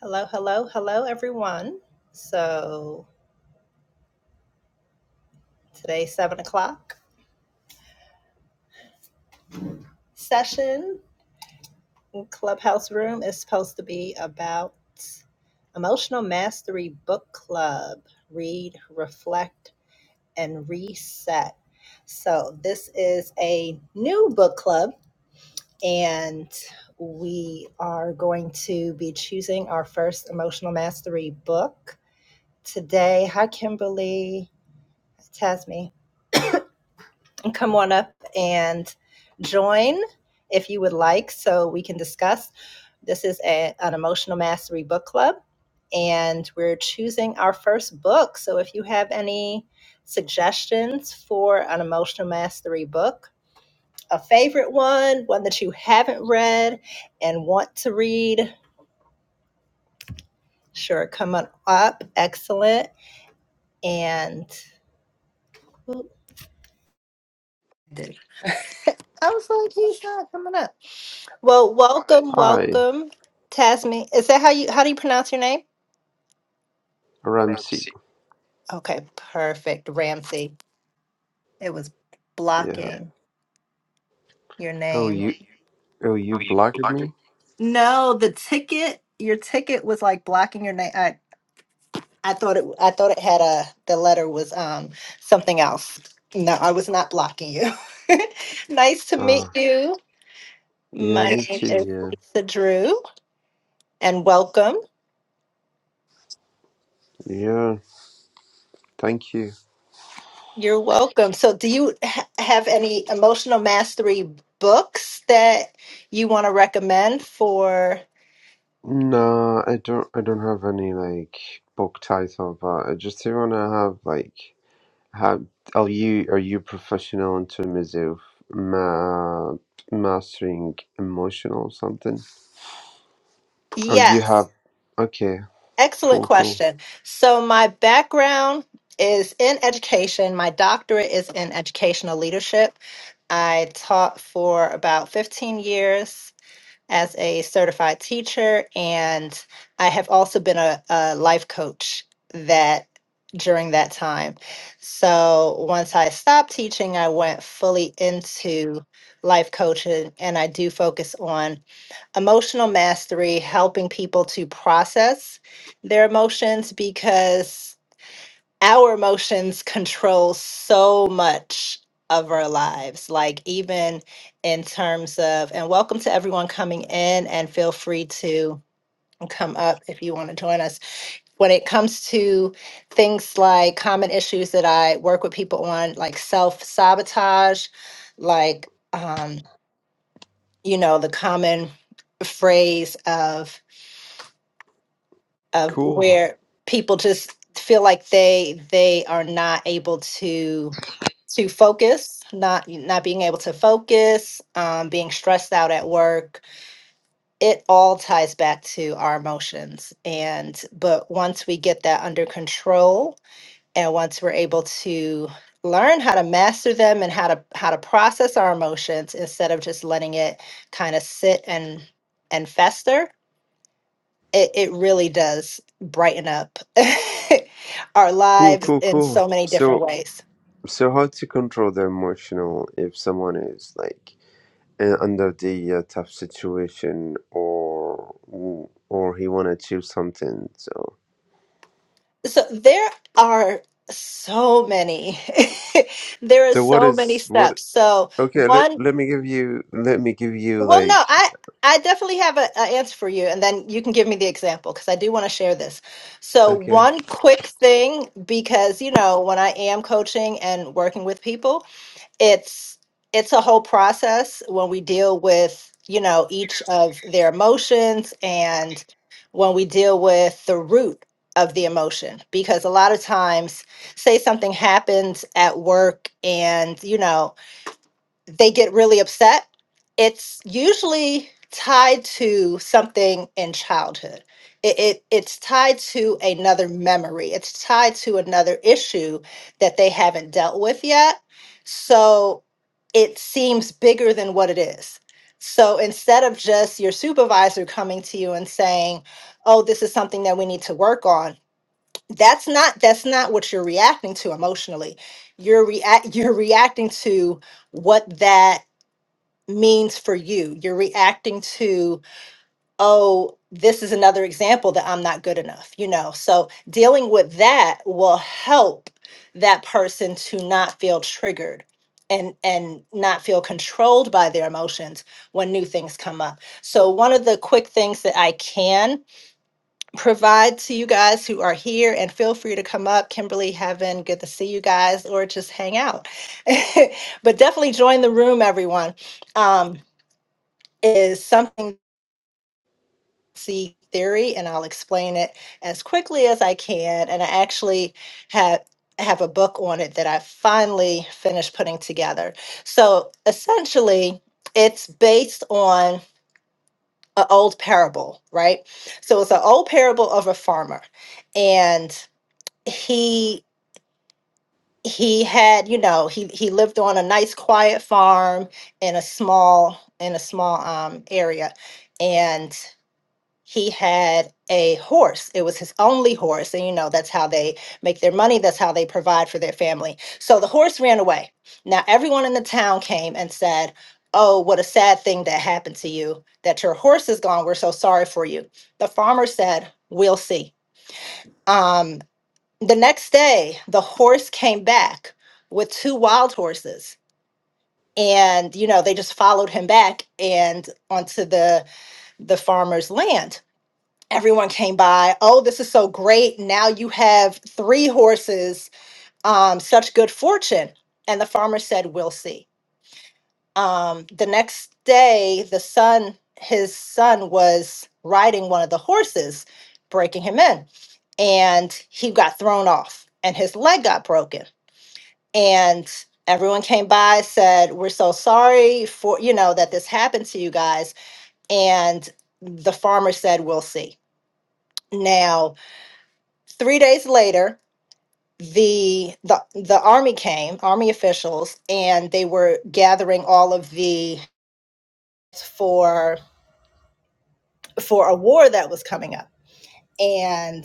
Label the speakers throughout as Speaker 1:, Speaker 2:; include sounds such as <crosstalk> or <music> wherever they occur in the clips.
Speaker 1: Hello, hello, hello, everyone. So today's seven o'clock session in Clubhouse Room is supposed to be about Emotional Mastery Book Club. Read, reflect, and reset. So this is a new book club, and we are going to be choosing our first Emotional Mastery book today. Hi, Kimberly. Tasme. come on up and join if you would like so we can discuss. This is a, an Emotional Mastery Book Club, and we're choosing our first book. So if you have any suggestions for an Emotional Mastery book, a favorite one, one that you haven't read and want to read, sure, come on up. Excellent. And I was like, he's not coming up. Well, welcome,
Speaker 2: Hi,
Speaker 1: welcome, Tasmin. Is that how you how do you pronounce your name?
Speaker 2: Ramsey.
Speaker 1: Okay, perfect, Ramsey. It was
Speaker 2: Yeah.
Speaker 1: blocking your
Speaker 2: Oh,
Speaker 1: name.
Speaker 2: you. Oh, you blocked me.
Speaker 1: No, the ticket, your ticket was like blocking your name. I I thought it I thought it had a the letter was um something else. No, I was not blocking you. <laughs> nice to meet
Speaker 2: Ah.
Speaker 1: you.
Speaker 2: Yeah,
Speaker 1: My
Speaker 2: me
Speaker 1: name
Speaker 2: too.
Speaker 1: is
Speaker 2: Yeah.
Speaker 1: Lisa Drew and welcome.
Speaker 2: Yeah. Thank you.
Speaker 1: You're welcome. So, do you ha- have any emotional mastery books that you want to recommend for?
Speaker 2: No, I don't. I don't have any like book title, but I just wanna have like have. Are you are you professional in terms of ma- mastering emotional something? Oh, you
Speaker 1: Yes,
Speaker 2: have. Okay.
Speaker 1: excellent
Speaker 2: Cool. Cool.
Speaker 1: question. So, my background is in education. My doctorate is in educational leadership. I taught for about 15 years as a certified teacher, and I have also been a, a life coach that during that time. So once I stopped teaching, I went fully into life coaching, and I do focus on emotional mastery, helping people to process their emotions because our emotions control so much of our lives like even in terms of and welcome to everyone coming in and feel free to come up if you want to join us when it comes to things like common issues that i work with people on like self-sabotage like um you know the common phrase of of
Speaker 2: Cool.
Speaker 1: where people just feel like they they are not able to to focus not not being able to focus um, being stressed out at work it all ties back to our emotions and but once we get that under control and once we're able to learn how to master them and how to how to process our emotions instead of just letting it kind of sit and and fester it, it really does brighten up <laughs> our
Speaker 2: Cool.
Speaker 1: lives
Speaker 2: Cool.
Speaker 1: in
Speaker 2: Cool.
Speaker 1: so many different
Speaker 2: So
Speaker 1: ways.
Speaker 2: So how to control the emotional if someone is like uh, under the uh, tough situation or or he want to achieve something. So
Speaker 1: So there are so many. <laughs> there are
Speaker 2: so what
Speaker 1: so many
Speaker 2: is what?
Speaker 1: steps. So
Speaker 2: Okay, let
Speaker 1: one,
Speaker 2: let me give you let me give you
Speaker 1: well, no,
Speaker 2: like
Speaker 1: I I definitely have an answer for you, and then you can give me the example because I do want to share this. So
Speaker 2: okay
Speaker 1: one quick thing, because you know when I am coaching and working with people. it's it's a whole process when we deal with you know each of their emotions and when we deal with the root of the emotion because a lot of times say something happens at work and you know they get really upset, it's usually tied to something in childhood. It, it it's tied to another memory. It's tied to another issue that they haven't dealt with yet. So it seems bigger than what it is. So instead of just your supervisor coming to you and saying, "Oh, this is something that we need to work on," that's not that's not what you're reacting to emotionally. You're react you're reacting to what that means for you. You're reacting to, oh, this is another example that I'm not good enough, you know? So dealing with that will help that person to not feel triggered and and not feel controlled by their emotions when new things come up. So one of the quick things that I can provide to you guys who are here and feel free to come up Kimberly, Heaven, good to see you guys or just hang out. <laughs> but definitely join the room everyone. Um is something see theory and I'll explain it as quickly as I can and I actually have have a book on it that I finally finished putting together. So essentially it's based on an old parable, right? So it's an old parable of a farmer and he he had, you know, he he lived on a nice quiet farm in a small in a small um area and he had a horse. It was his only horse. And you know, that's how they make their money, that's how they provide for their family. So the horse ran away. Now, everyone in the town came and said, Oh, what a sad thing that happened to you, that your horse is gone. We're so sorry for you. The farmer said, We'll see. Um, the next day, the horse came back with two wild horses. And you know they just followed him back and onto the the farmer's land everyone came by oh this is so great now you have three horses um such good fortune and the farmer said we'll see um the next day the son his son was riding one of the horses breaking him in and he got thrown off and his leg got broken and everyone came by said we're so sorry for you know that this happened to you guys and the farmer said we'll see now three days later the the the army came army officials and they were gathering all of the for for a war that was coming up and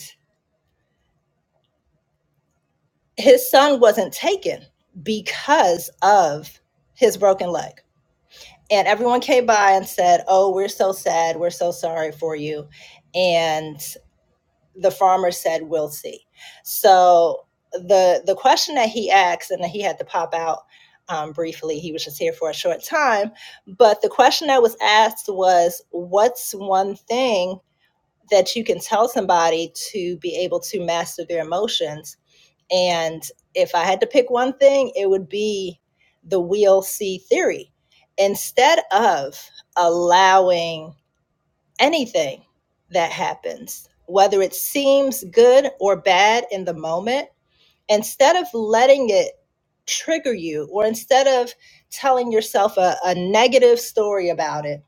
Speaker 1: his son wasn't taken because of his broken leg and everyone came by and said oh we're so sad we're so sorry for you And the farmer said we'll see so the the question that he asked and he had to pop out um, briefly he was just here for a short time but the question that was asked was what's one thing that you can tell somebody to be able to master their emotions and if i had to pick one thing it would be the we'll see theory instead of allowing anything that happens, whether it seems good or bad in the moment, instead of letting it trigger you or instead of telling yourself a, a negative story about it,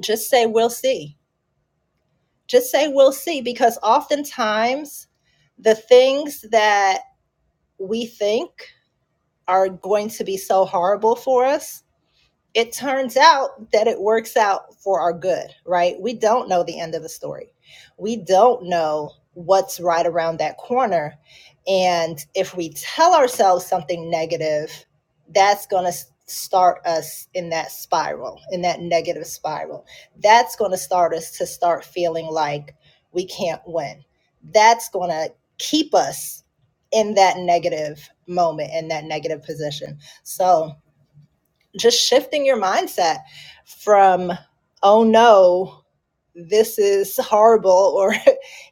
Speaker 1: just say, We'll see. Just say, We'll see, because oftentimes the things that we think are going to be so horrible for us it turns out that it works out for our good, right? We don't know the end of the story. We don't know what's right around that corner. And if we tell ourselves something negative, that's going to start us in that spiral, in that negative spiral. That's going to start us to start feeling like we can't win. That's going to keep us in that negative moment, in that negative position. So, just shifting your mindset from oh no this is horrible <laughs> or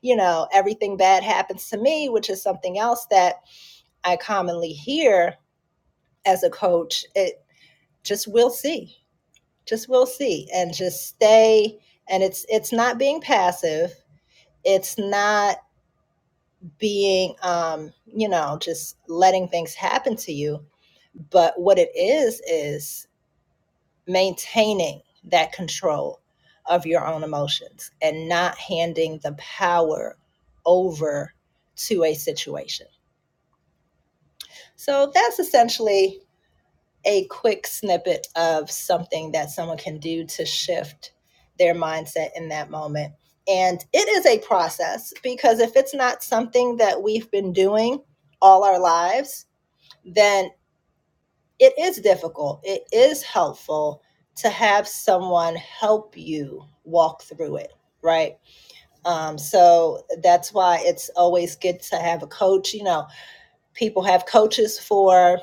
Speaker 1: you know everything bad happens to me which is something else that i commonly hear as a coach it just we'll see just we'll see and just stay and it's it's not being passive it's not being um you know just letting things happen to you but what it is is maintaining that control of your own emotions and not handing the power over to a situation. So that's essentially a quick snippet of something that someone can do to shift their mindset in that moment. And it is a process because if it's not something that we've been doing all our lives, then it is difficult. It is helpful to have someone help you walk through it, right? Um, so that's why it's always good to have a coach. You know, people have coaches for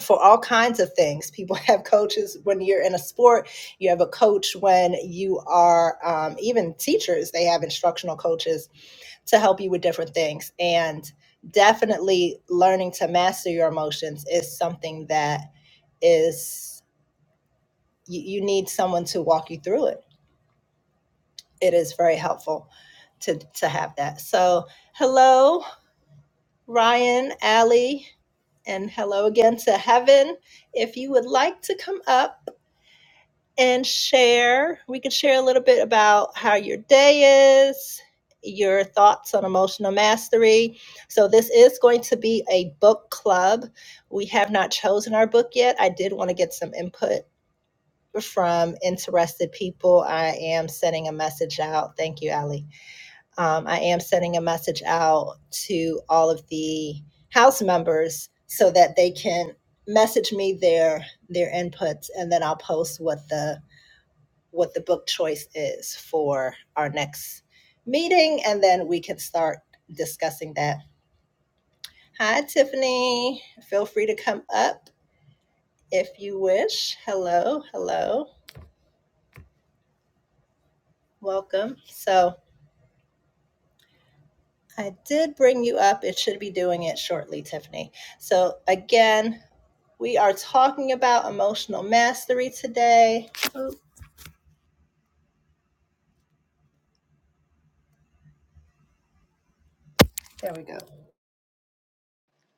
Speaker 1: for all kinds of things. People <laughs> have coaches when you're in a sport. You have a coach when you are um, even teachers. They have instructional coaches to help you with different things. And definitely, learning to master your emotions is something that is you, you need someone to walk you through it. It is very helpful to to have that. So hello, Ryan, Allie, and hello again to Heaven. If you would like to come up and share, we could share a little bit about how your day is, your thoughts on emotional mastery. So this is going to be a book club. We have not chosen our book yet. I did want to get some input from interested people. I am sending a message out. Thank you, Ali. Um, I am sending a message out to all of the House members so that they can message me their their inputs, and then I'll post what the what the book choice is for our next meeting, and then we can start discussing that. Hi, Tiffany. Feel free to come up if you wish. Hello, hello. Welcome. So, I did bring you up. It should be doing it shortly, Tiffany. So, again, we are talking about emotional mastery today. Oh, there we go.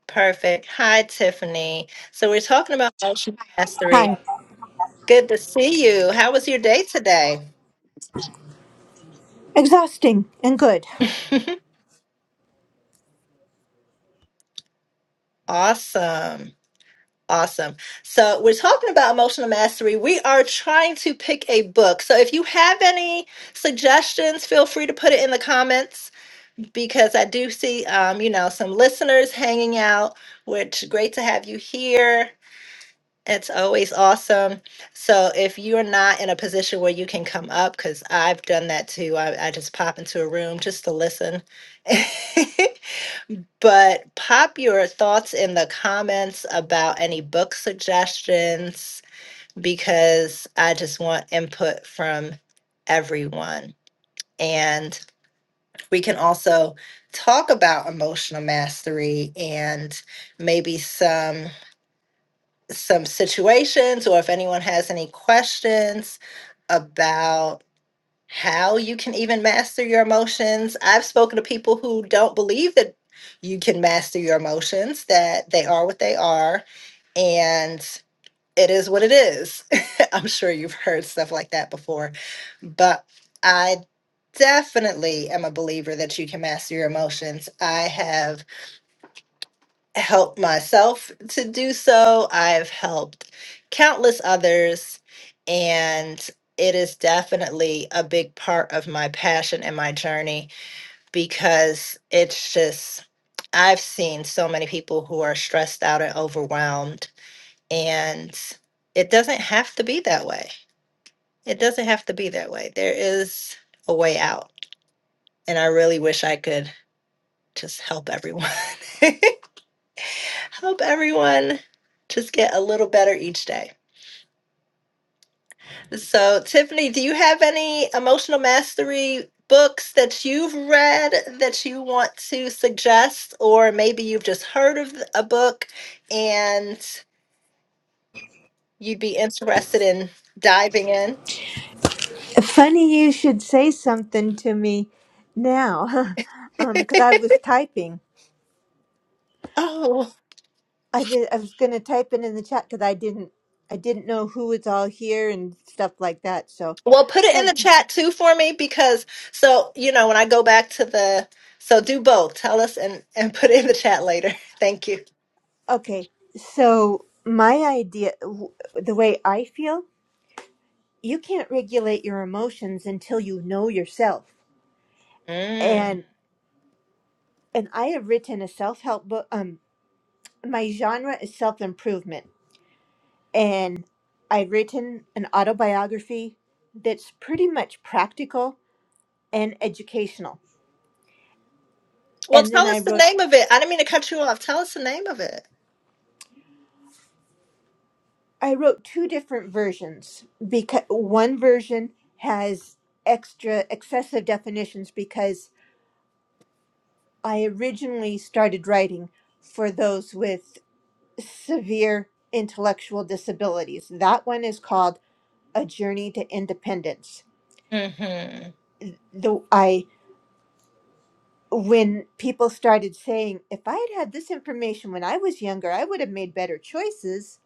Speaker 1: Perfect. Hi, Tiffany. So, we're talking about emotional mastery.
Speaker 3: Hi.
Speaker 1: Good to see you. How was your day today?
Speaker 3: Exhausting and good.
Speaker 1: <laughs> Awesome. Awesome. So, we're talking about emotional mastery. We are trying to pick a book. So, if you have any suggestions, feel free to put it in the comments because I do see, um, you know, some listeners hanging out, which great to have you here. It's always awesome. So if you're not in a position where you can come up, because I've done that too, I, I just pop into a room just to listen. <laughs> but pop your thoughts in the comments about any book suggestions, because I just want input from everyone. And we can also talk about emotional mastery and maybe some some situations or if anyone has any questions about how you can even master your emotions. I've spoken to people who don't believe that you can master your emotions, that they are what they are. And it is what it is. <laughs> I'm sure you've heard stuff like that before, but I definitely am a believer that you can master your emotions. I have helped myself to do so, I've helped countless others, and it is definitely a big part of my passion and my journey because it's just. I've seen so many people who are stressed out and overwhelmed and it doesn't have to be that way. It doesn't have to be that way. There is a way out. And I really wish I could just help everyone, <laughs> help everyone just get a little better each day. So, Tiffany, do you have any emotional mastery books that you've read that you want to suggest? Or maybe you've just heard of a book and you'd be interested in diving in?
Speaker 3: Funny you should say something to me now, <laughs>
Speaker 1: <laughs>
Speaker 3: um, because I was typing.
Speaker 1: Oh.
Speaker 3: I was, I was going to type it in the chat because I didn't I didn't know who was all here and stuff like that. So,
Speaker 1: Well, put it in the
Speaker 3: and
Speaker 1: chat too for me because so you know when I go back to the so do both. Tell us and and put it in the chat later. <laughs> Thank you.
Speaker 3: okay, so my idea, w- the way I feel, you can't regulate your emotions until you know yourself.
Speaker 1: Mm.
Speaker 3: And and I have written a self help book. Um, my genre is self improvement and I've written an autobiography that's pretty much practical and educational.
Speaker 1: Well,
Speaker 3: And then
Speaker 1: tell
Speaker 3: I
Speaker 1: us the
Speaker 3: wrote
Speaker 1: name of it. I didn't mean to cut you off. Tell us the name of it.
Speaker 3: I wrote two different versions because one version has extra excessive definitions because I originally started writing for those with severe intellectual disabilities. That one is called A Journey to Independence.
Speaker 1: Mm-hmm.
Speaker 3: The I when people started saying, if I had had this information when I was younger, I would have made better choices.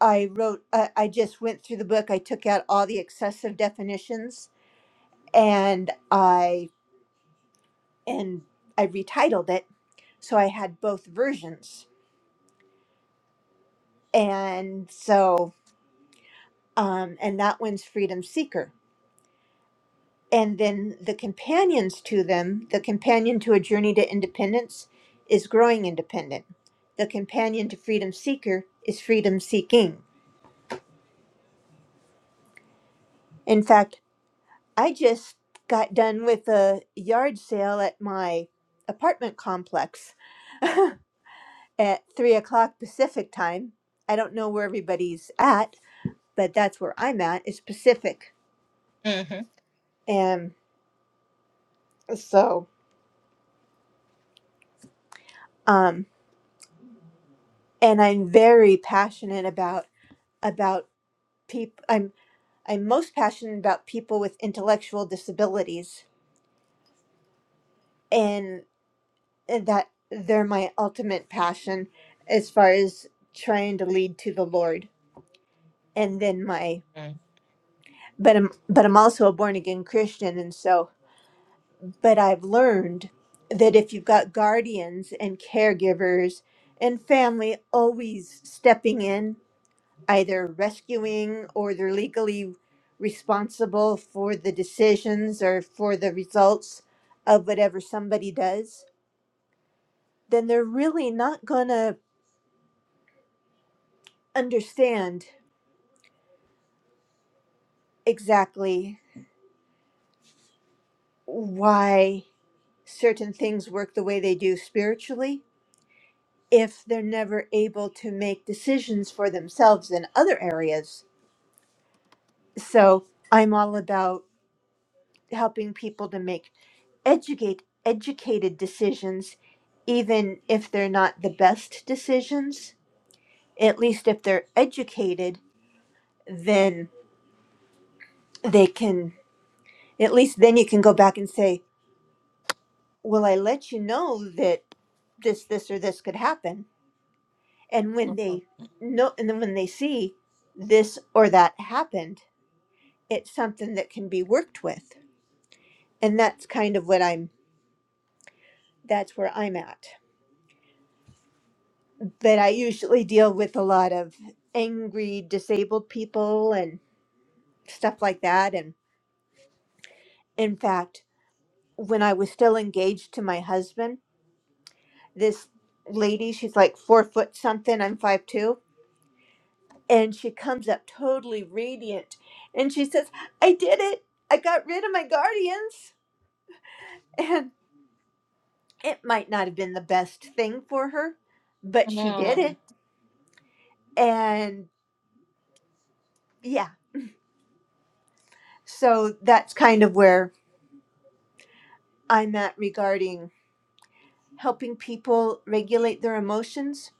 Speaker 3: I wrote, uh, I just went through the book. I took out all the excessive definitions and I, and I retitled it. So I had both versions. And so, um, and that one's Freedom Seeker. And then the companions to them, the companion to A Journey to Independence is Growing Independent. The companion to Freedom Seeker is Freedom Seeking In fact, I just got done with a yard sale at my apartment complex <laughs> at three o'clock Pacific time. I don't know where everybody's at, but that's where I'm at. It's Pacific,
Speaker 1: Mm-hmm.
Speaker 3: and so um, and I'm very passionate about about people. I'm I'm most passionate about people with intellectual disabilities, and that they're my ultimate passion as far as trying to lead to the Lord and then my but I'm but I'm also a born again Christian and so but I've learned that if you've got guardians and caregivers and family always stepping in either rescuing or they're legally responsible for the decisions or for the results of whatever somebody does then they're really not going to understand exactly why certain things work the way they do spiritually if they're never able to make decisions for themselves in other areas. So I'm all about helping people to make educate educated decisions even if they're not the best decisions. At least if they're educated, then they can at least then you can go back and say, "Well, I let you know that this this or this could happen." And when they know and then when they see this or that happened, it's something that can be worked with. And that's kind of what I'm that's where I'm at. But I usually deal with a lot of angry disabled people and stuff like that and in fact, when I was still engaged to my husband, this lady, she's like 4 foot something, I'm five two, and she comes up totally radiant and she says, "I did it. I got rid of my guardians." <laughs> And it might not have been the best thing for her, but she did it
Speaker 1: Mm.
Speaker 3: And yeah, so that's kind of where I'm at regarding helping people regulate their emotions.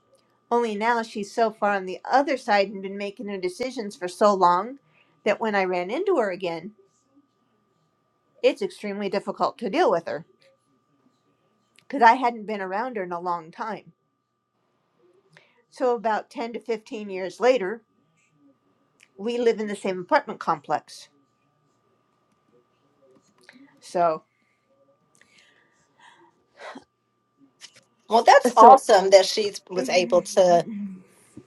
Speaker 3: Only now she's so far on the other side and been making her decisions for so long that when I ran into her again, it's extremely difficult to deal with her because I hadn't been around her in a long time. So, about 10 to 15 years later, we live in the same apartment complex. So,
Speaker 1: Well, that's
Speaker 3: so
Speaker 1: awesome that she was able to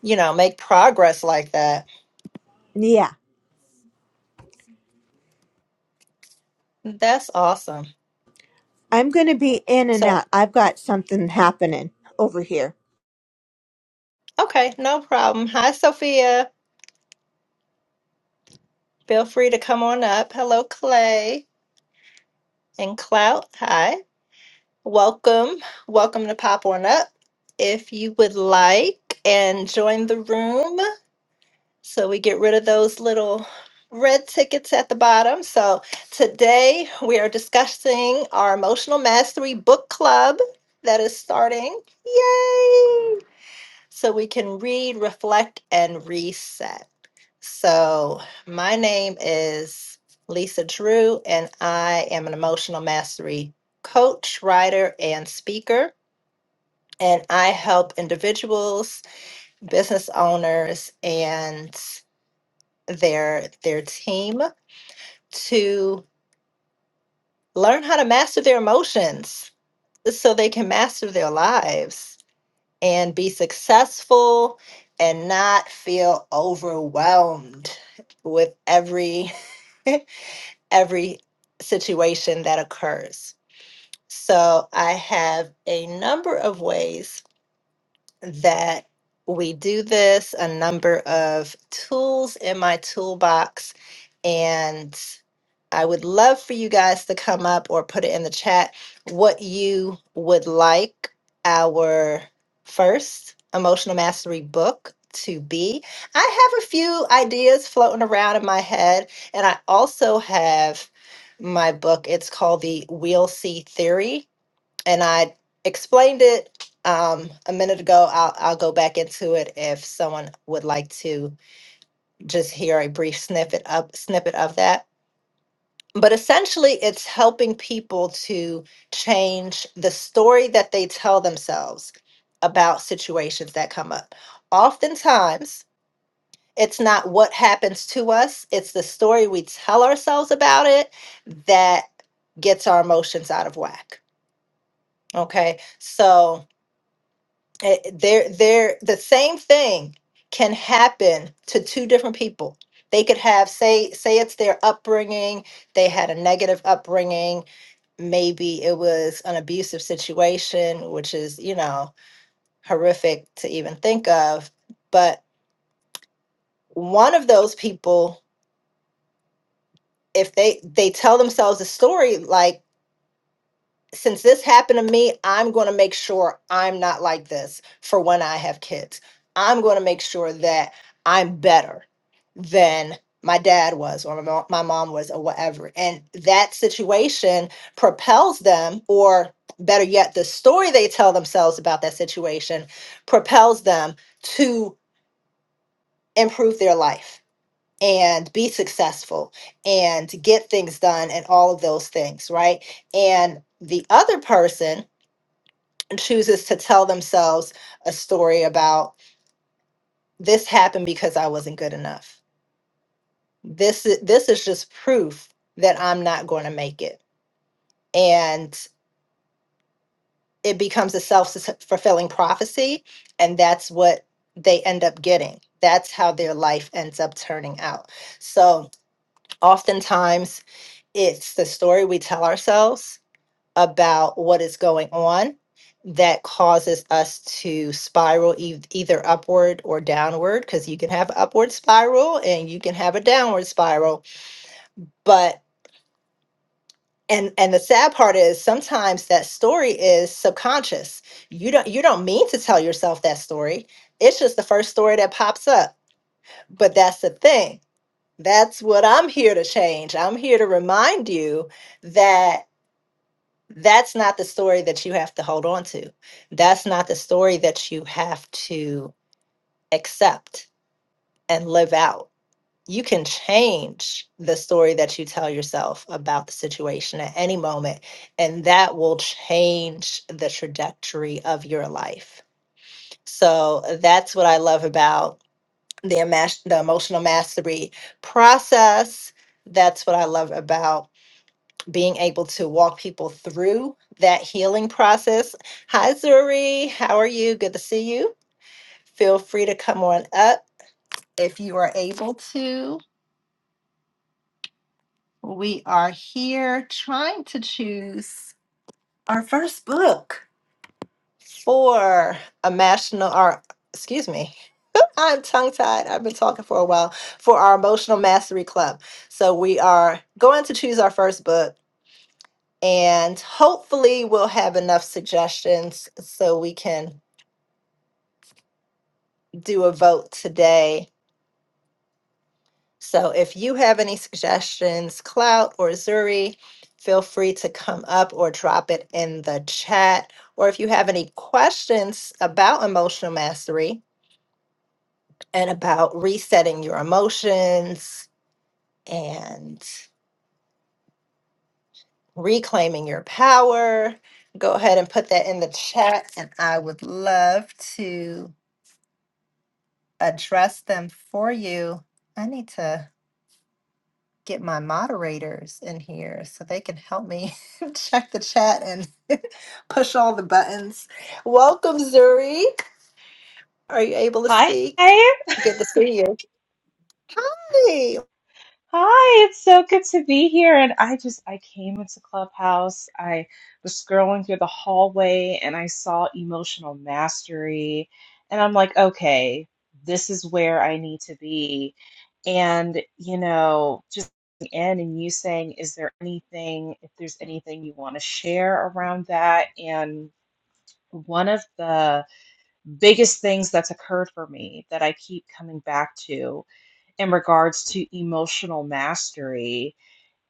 Speaker 1: you know make progress like that.
Speaker 3: yeah,
Speaker 1: That's awesome.
Speaker 3: I'm going to be in and
Speaker 1: So
Speaker 3: out. I've got something happening over here.
Speaker 1: okay, no problem. Hi, Sophia. Feel free to come on up. Hello, Clay and Clout. Hi. Welcome, welcome to pop on up if you would like and join the room so we get rid of those little red tickets at the bottom. So today we are discussing our Emotional Mastery Book Club that is starting. Yay! So we can read, reflect, and reset. So my name is Lisa Drew, and I am an emotional mastery coach, writer, and speaker. And I help individuals, business owners, and their their team to learn how to master their emotions so they can master their lives and be successful and not feel overwhelmed with every <laughs> every situation that occurs. So I have a number of ways that we do this, a number of tools in my toolbox, and. I would love for you guys to come up or put it in the chat what you would like our first emotional mastery book to be. I have a few ideas floating around in my head, and I also have my book. It's called The We'll See Theory, and I explained it um, a minute ago. I'll, I'll go back into it if someone would like to just hear a brief snippet up snippet of that but essentially it's helping people to change the story that they tell themselves about situations that come up oftentimes it's not what happens to us it's the story we tell ourselves about it that gets our emotions out of whack okay so Eh, they're they're the same thing can happen to two different people they could have say say it's their upbringing they had a negative upbringing maybe it was an abusive situation which is you know horrific to even think of but one of those people if they they tell themselves a story like since this happened to me, I'm going to make sure I'm not like this for when I have kids. I'm going to make sure that I'm better than my dad was or my mo- my mom was or whatever. And that situation propels them, or better yet, the story they tell themselves about that situation propels them to improve their life and be successful and get things done and all of those things, right? And the other person chooses to tell themselves a story about this happened because I wasn't good enough. This is this is just proof that I'm not going to make it. And it becomes a self-fulfilling prophecy and that's what they end up getting. That's how their life ends up turning out. So, oftentimes it's the story we tell ourselves about what is going on that causes us to spiral e- either upward or downward because you can have an upward spiral and you can have a downward spiral but and and the sad part is sometimes that story is subconscious you don't you don't mean to tell yourself that story it's just the first story that pops up but that's the thing that's what i'm here to change i'm here to remind you that. that's not the story that you have to hold on to. That's not the story that you have to accept and live out. You can change the story that you tell yourself about the situation at any moment, and that will change the trajectory of your life. So that's what I love about the, emas- the emotional mastery process. That's what I love about being able to walk people through that healing process. Hi, Zuri. How are you? Good to see you. Feel free to come on up if you are able to. We are here trying to choose our first book for a national, or excuse me, <laughs> I'm tongue tied. I've been talking for a while for our emotional mastery club. So we are going to choose our first book And hopefully, we'll have enough suggestions so we can do a vote today. So, if you have any suggestions, Clout or Zuri, feel free to come up or drop it in the chat. Or if you have any questions about emotional mastery and about resetting your emotions and reclaiming your power, go ahead and put that in the chat. And I would love to address them for you, I need to get my moderators in here so they can help me <laughs> check the chat and <laughs> push all the buttons. Welcome, Zuri. Are you able to
Speaker 4: Hi.
Speaker 1: speak?
Speaker 4: Hi.
Speaker 1: Good to see you. Hi.
Speaker 4: It's so good to be here. And I just, I came into Clubhouse. I was scrolling through the hallway and I saw emotional mastery. And I'm like, okay, this is where I need to be. And, you know, just in and you saying, is there anything, if there's anything you want to share around that? And one of the biggest things that's occurred for me that I keep coming back to in regards to emotional mastery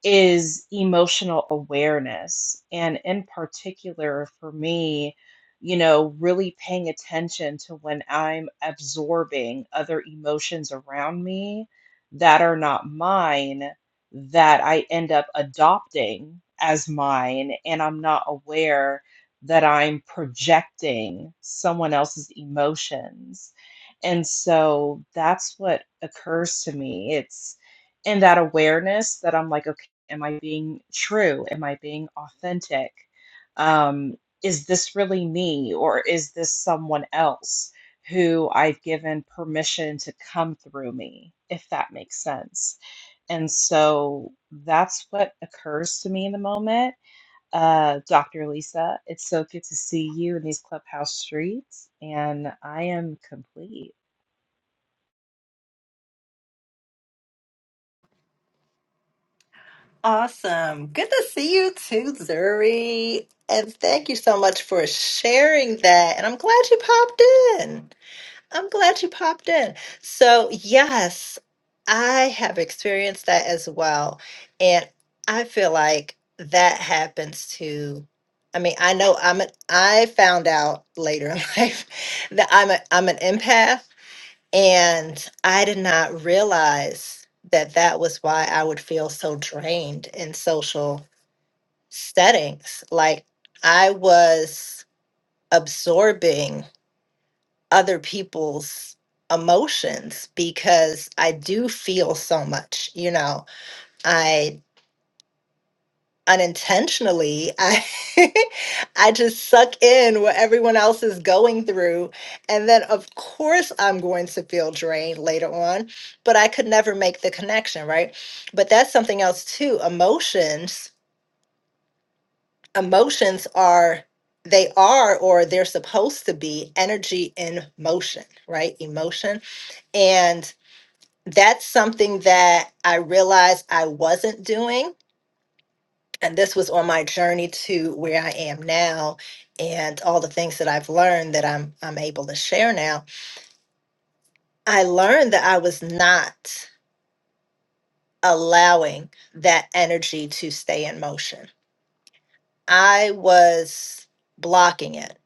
Speaker 4: is emotional awareness. And in particular, for me, you know, really paying attention to when I'm absorbing other emotions around me that are not mine, that I end up adopting as mine, and I'm not aware that I'm projecting someone else's emotions. And so that's what occurs to me. It's in that awareness that I'm like, Am I being true? Am I being authentic? Um, is this really me or is this someone else who I've given permission to come through me, if that makes sense? And so that's what occurs to me in the moment. Uh, Dr. Lisa, it's so good to see you in these clubhouse streets, and I am complete.
Speaker 1: Awesome. Good to see you too, Zuri. And thank you so much for sharing that. And I'm glad you popped in. I'm glad you popped in. So, yes, I have experienced that as well. And I feel like that happens to I mean, I know I'm an I found out later in <laughs> life that I'm a I'm an empath and I did not realize that that was why I would feel so drained in social settings. Like I was absorbing other people's emotions because I do feel so much, you know. I unintentionally I <laughs> I just suck in what everyone else is going through and then of course I'm going to feel drained later on, but I could never make the connection, right? But that's something else too. Emotions, emotions are they are or they're supposed to be energy in motion, right? Emotion. And that's something that I realized I wasn't doing. And this was on my journey to where I am now and all the things that I've learned that I'm I'm able to share now. I learned that I was not allowing that energy to stay in motion. I was blocking it.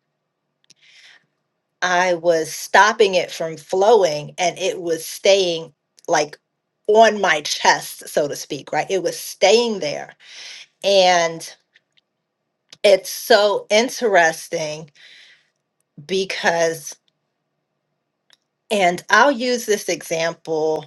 Speaker 1: I was stopping it from flowing and it was staying like on my chest, so to speak, right? It was staying there. And it's so interesting because and i'll use this example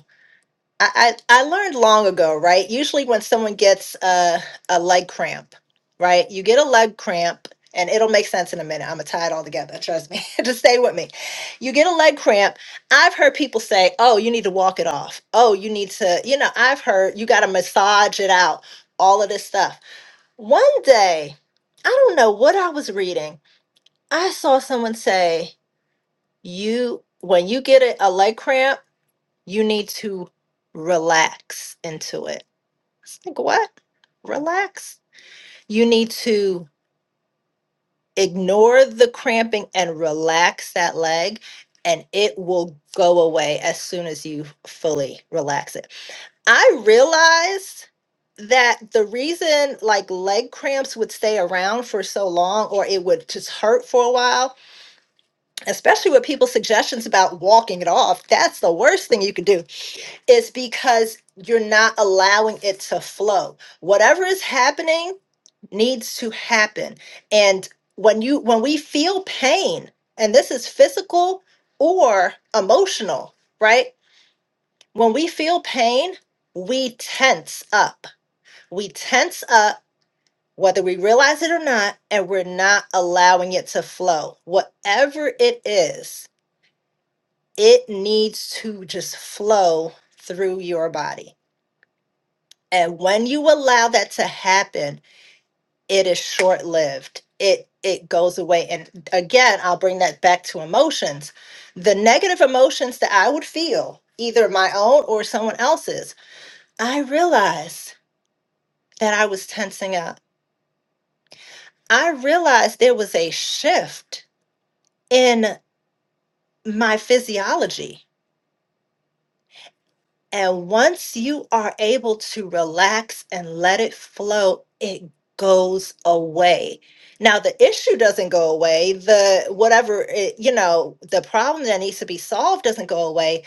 Speaker 1: i i, I learned long ago right usually when someone gets a, a leg cramp right you get a leg cramp and it'll make sense in a minute. I'm gonna tie it all together. Trust me. <laughs> Just stay with me. You get a leg cramp. I've heard people say, "Oh, you need to walk it off." Oh, you need to. You know, I've heard you got to massage it out. All of this stuff. One day, I don't know what I was reading, I saw someone say, you when you get a, a leg cramp, you need to relax into it. I was like, what? Relax? You need to ignore the cramping and relax that leg, and it will go away as soon as you fully relax it. I realized that the reason like leg cramps would stay around for so long or it would just hurt for a while especially with people's suggestions about walking it off, that's the worst thing you can do is because you're not allowing it to flow. Whatever is happening needs to happen. And when you when we feel pain, and this is physical or emotional, right? When we feel pain, we tense up. We tense up whether we realize it or not, and we're not allowing it to flow. Whatever it is, it needs to just flow through your body. And when you allow that to happen, it is short lived. It it goes away. And again, I'll bring that back to emotions. The negative emotions that I would feel, either my own or someone else's, I realized that I was tensing up. I realized there was a shift in my physiology. And once you are able to relax and let it flow, it goes away. Now the issue doesn't go away. The whatever it, you know, the problem that needs to be solved doesn't go away,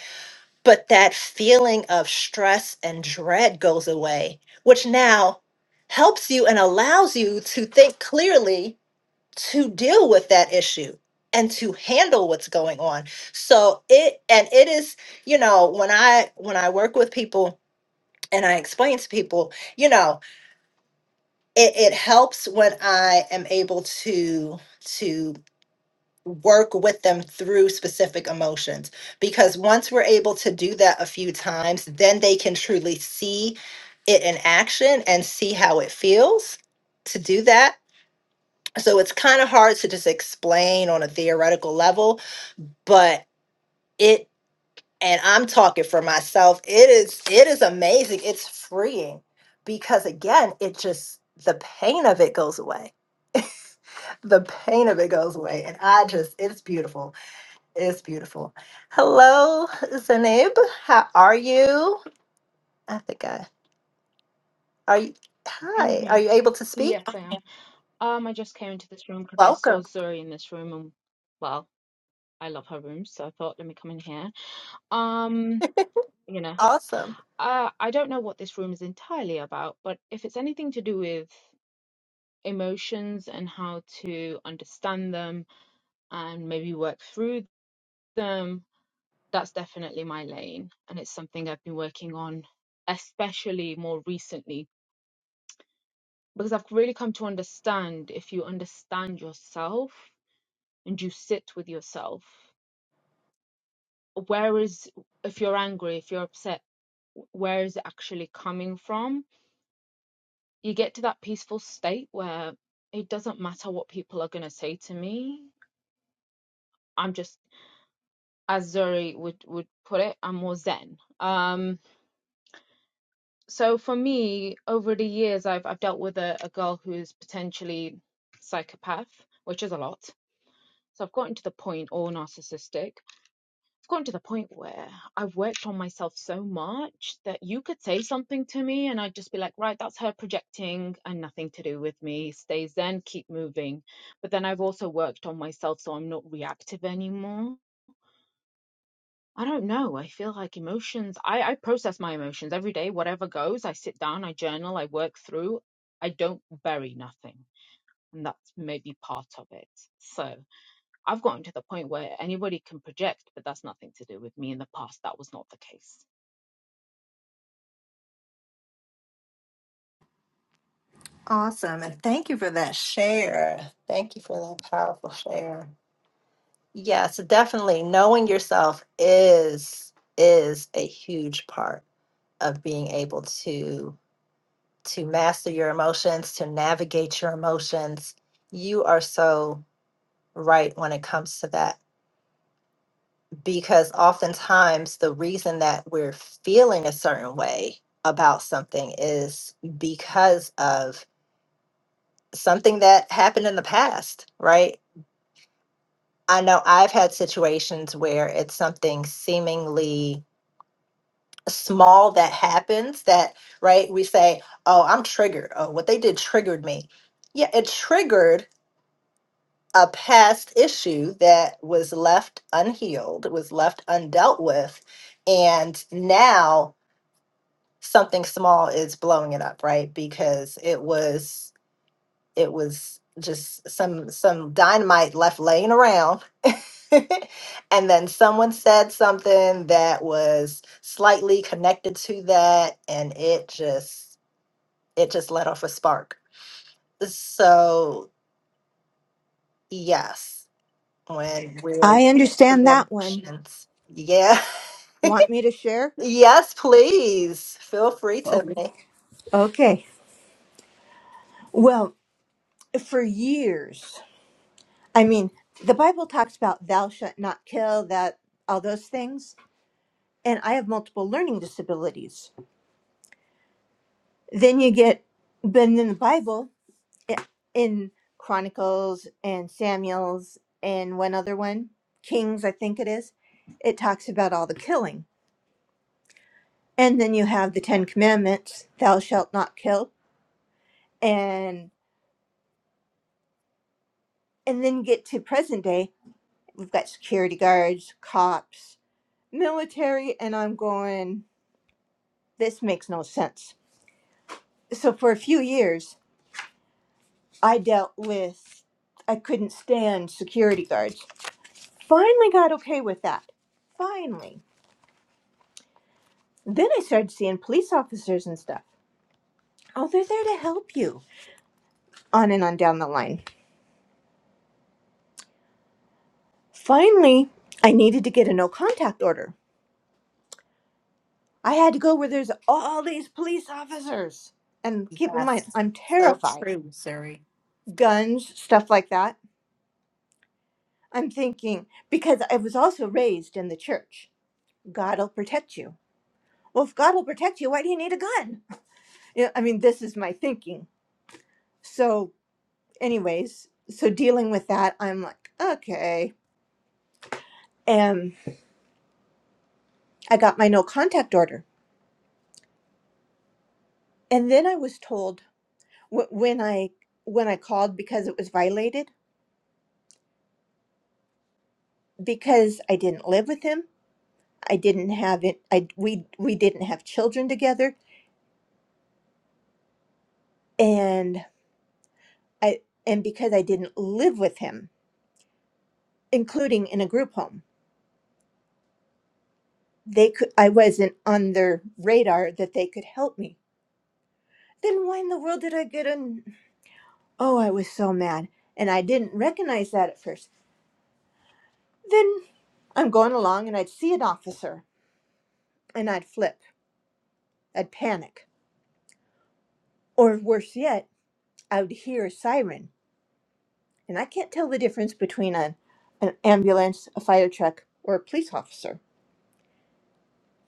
Speaker 1: but that feeling of stress and dread goes away, which now helps you and allows you to think clearly to deal with that issue and to handle what's going on so it and it is you know when i when i work with people and i explain to people you know it, it helps when i am able to to work with them through specific emotions because once we're able to do that a few times then they can truly see it in action and see how it feels to do that so it's kind of hard to just explain on a theoretical level but it and i'm talking for myself it is it is amazing it's freeing because again it just the pain of it goes away <laughs> the pain of it goes away and i just it's beautiful it's beautiful hello zanib how are you i think i are you
Speaker 5: I'm
Speaker 1: hi are
Speaker 5: here.
Speaker 1: you able to speak
Speaker 5: Yes, I am. Um, I just came into this room because I saw
Speaker 1: welcome
Speaker 5: Zuri in this room, and well, I love her room, so I thought, let me come in here. Um, you know,
Speaker 1: awesome
Speaker 5: uh, I don't know what this room is entirely about, but if it's anything to do with emotions and how to understand them and maybe work through them, that's definitely my lane, and it's something I've been working on, especially more recently, because I've really come to understand if you understand yourself and you sit with yourself. Where is, if you're angry, if you're upset, where is it actually coming from? You get to that peaceful state where it doesn't matter what people are going to say to me. I'm just, as Zuri would, would put it, I'm more zen. Um, so for me, over the years, I've, I've dealt with a, a girl who's potentially psychopath, which is a lot. So I've gotten to the point, or narcissistic i gotten to the point where I've worked on myself so much that you could say something to me and I'd just be like, right, that's her projecting and nothing to do with me. Stay zen, keep moving. But then I've also worked on myself so I'm not reactive anymore. I don't know. I feel like emotions, I, I process my emotions every day, whatever goes. I sit down, I journal, I work through. I don't bury nothing. And that's maybe part of it. So. I've gotten to the point where anybody can project, but that's nothing to do with me. In the past, that was not the case.
Speaker 1: Awesome. And thank you for that share. Thank you for that powerful share. Yes, definitely knowing yourself is is a huge part of being able to to master your emotions, to navigate your emotions. You are so right when it comes to that because oftentimes the reason that we're feeling a certain way about something is because of something that happened in the past, right? I know I've had situations where it's something seemingly small that happens that, right? We say, oh, I'm triggered. Oh, what they did triggered me. Yeah, it triggered a past issue that was left unhealed, was left undealt with. And now something small is blowing it up, right? Because it was it was just some some dynamite left laying around <laughs> and then someone said something that was slightly connected to that and it just it just let off a spark so yes when we're
Speaker 3: I
Speaker 1: with the
Speaker 3: understand that one.
Speaker 1: emotions, yeah
Speaker 3: Want me to share?
Speaker 1: <laughs> yes please feel free
Speaker 3: Oh,
Speaker 1: Tiffany.
Speaker 3: Okay. Well, for years, I mean, the Bible talks about thou shalt not kill, that all those things. And I have multiple learning disabilities. Then you get, but in the Bible, i- in Chronicles and Samuel's and one other one, Kings, I think it is, it talks about all the killing. And then you have the Ten Commandments, thou shalt not kill. and then get to present day we've got security guards cops military and i'm going this makes no sense so for a few years i dealt with i couldn't stand security guards finally got okay with that finally then i started seeing police officers and stuff oh they're there to help you on and on down the line finally i needed to get a no contact order i had to go where there's all these police officers and keep in mind
Speaker 1: yes
Speaker 3: i'm
Speaker 1: so
Speaker 3: terrified
Speaker 1: true siri
Speaker 3: guns, stuff like that. I'm thinking, because I was also raised in the church, God will protect you. Well, if God will protect you, why do you need a gun? <laughs> You know, I mean, this is my thinking. So, anyways, so dealing with that, I'm like, okay. And I got my no contact order. And then I was told wh- when I when I called because it was violated because I didn't live with him. I didn't have it. I we we didn't have children together, and I and because I didn't live with him, including in a group home, they could I wasn't on their radar that they could help me. Then why in the world did I get an Oh, I was so mad. And I didn't recognize that at first. Then I'm going along and I'd see an officer and I'd flip. I'd panic. Or worse yet, I would hear a siren. And I can't tell the difference between a, an ambulance, a fire truck, or a police officer.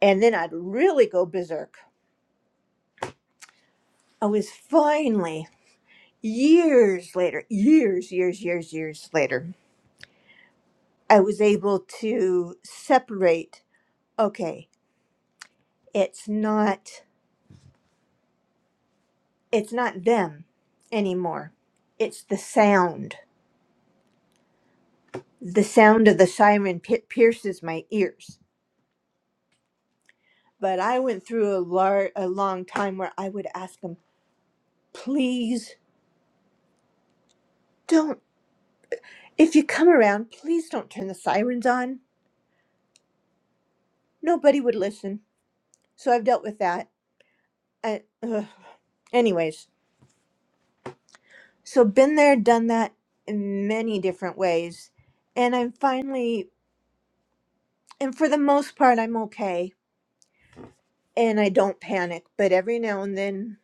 Speaker 3: And then I'd really go berserk. I was finally years later, years, years, years, years later, I was able to separate, okay, it's not it's not them anymore. It's the sound. The sound of the siren pi pierces my ears. But I went through a lar- a long time where I would ask them, "Please don't if you come around, please don't turn the sirens on." Nobody would listen. So I've dealt with that. I, ugh. Anyways, So been there, done that in many different ways. And I'm finally and for the most part I'm okay and I don't panic, but every now and then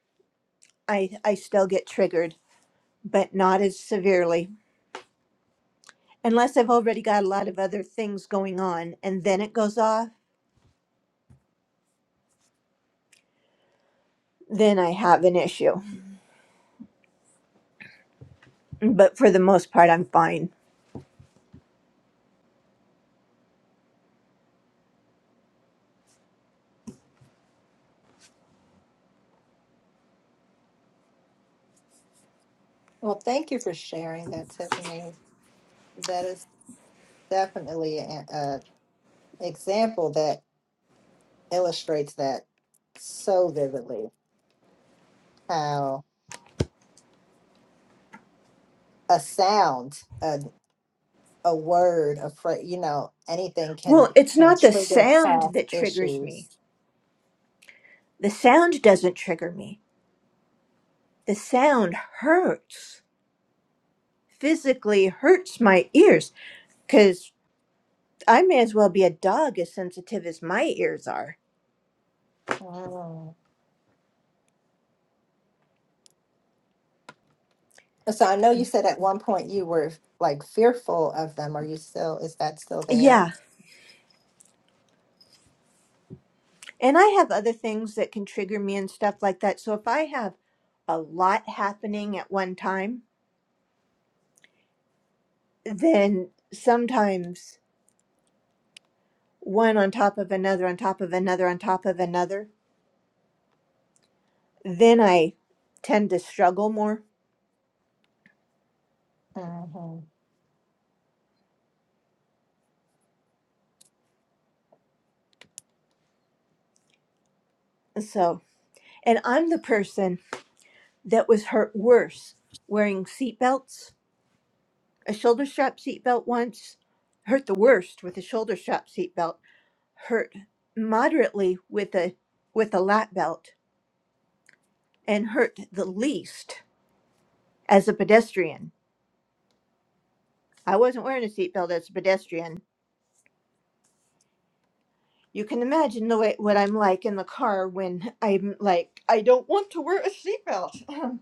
Speaker 3: I I still get triggered, but not as severely. Unless I've already got a lot of other things going on and then it goes off, then I have an issue. But for the most part I'm fine.
Speaker 1: well thank you for sharing that tiffany that is definitely a example that illustrates that so vividly how a sound a, a word a phrase you know anything can
Speaker 3: Well, it's
Speaker 1: can
Speaker 3: not the
Speaker 1: trigger
Speaker 3: sound
Speaker 1: past
Speaker 3: that triggers me.
Speaker 1: issues
Speaker 3: The sound doesn't trigger me. The sound hurts physically hurts my ears Because I may as well be a dog as sensitive as my ears are.
Speaker 1: Mm. so i know you said at one point you were like fearful of them are you still is that still there
Speaker 3: Yeah. And I have other things that can trigger me and stuff like that. So if I have a lot happening at one time, then sometimes one on top of another, on top of another, on top of another, then I tend to struggle more.
Speaker 1: hmm
Speaker 3: So, and I'm the person that was hurt worse wearing seatbelts. A shoulder strap seatbelt once hurt the worst with a shoulder strap seatbelt hurt moderately with a with a lap belt and hurt the least as a pedestrian. I wasn't wearing a seatbelt as a pedestrian. You can imagine the way what I'm like in the car when I'm like I don't want to wear a seatbelt. <laughs>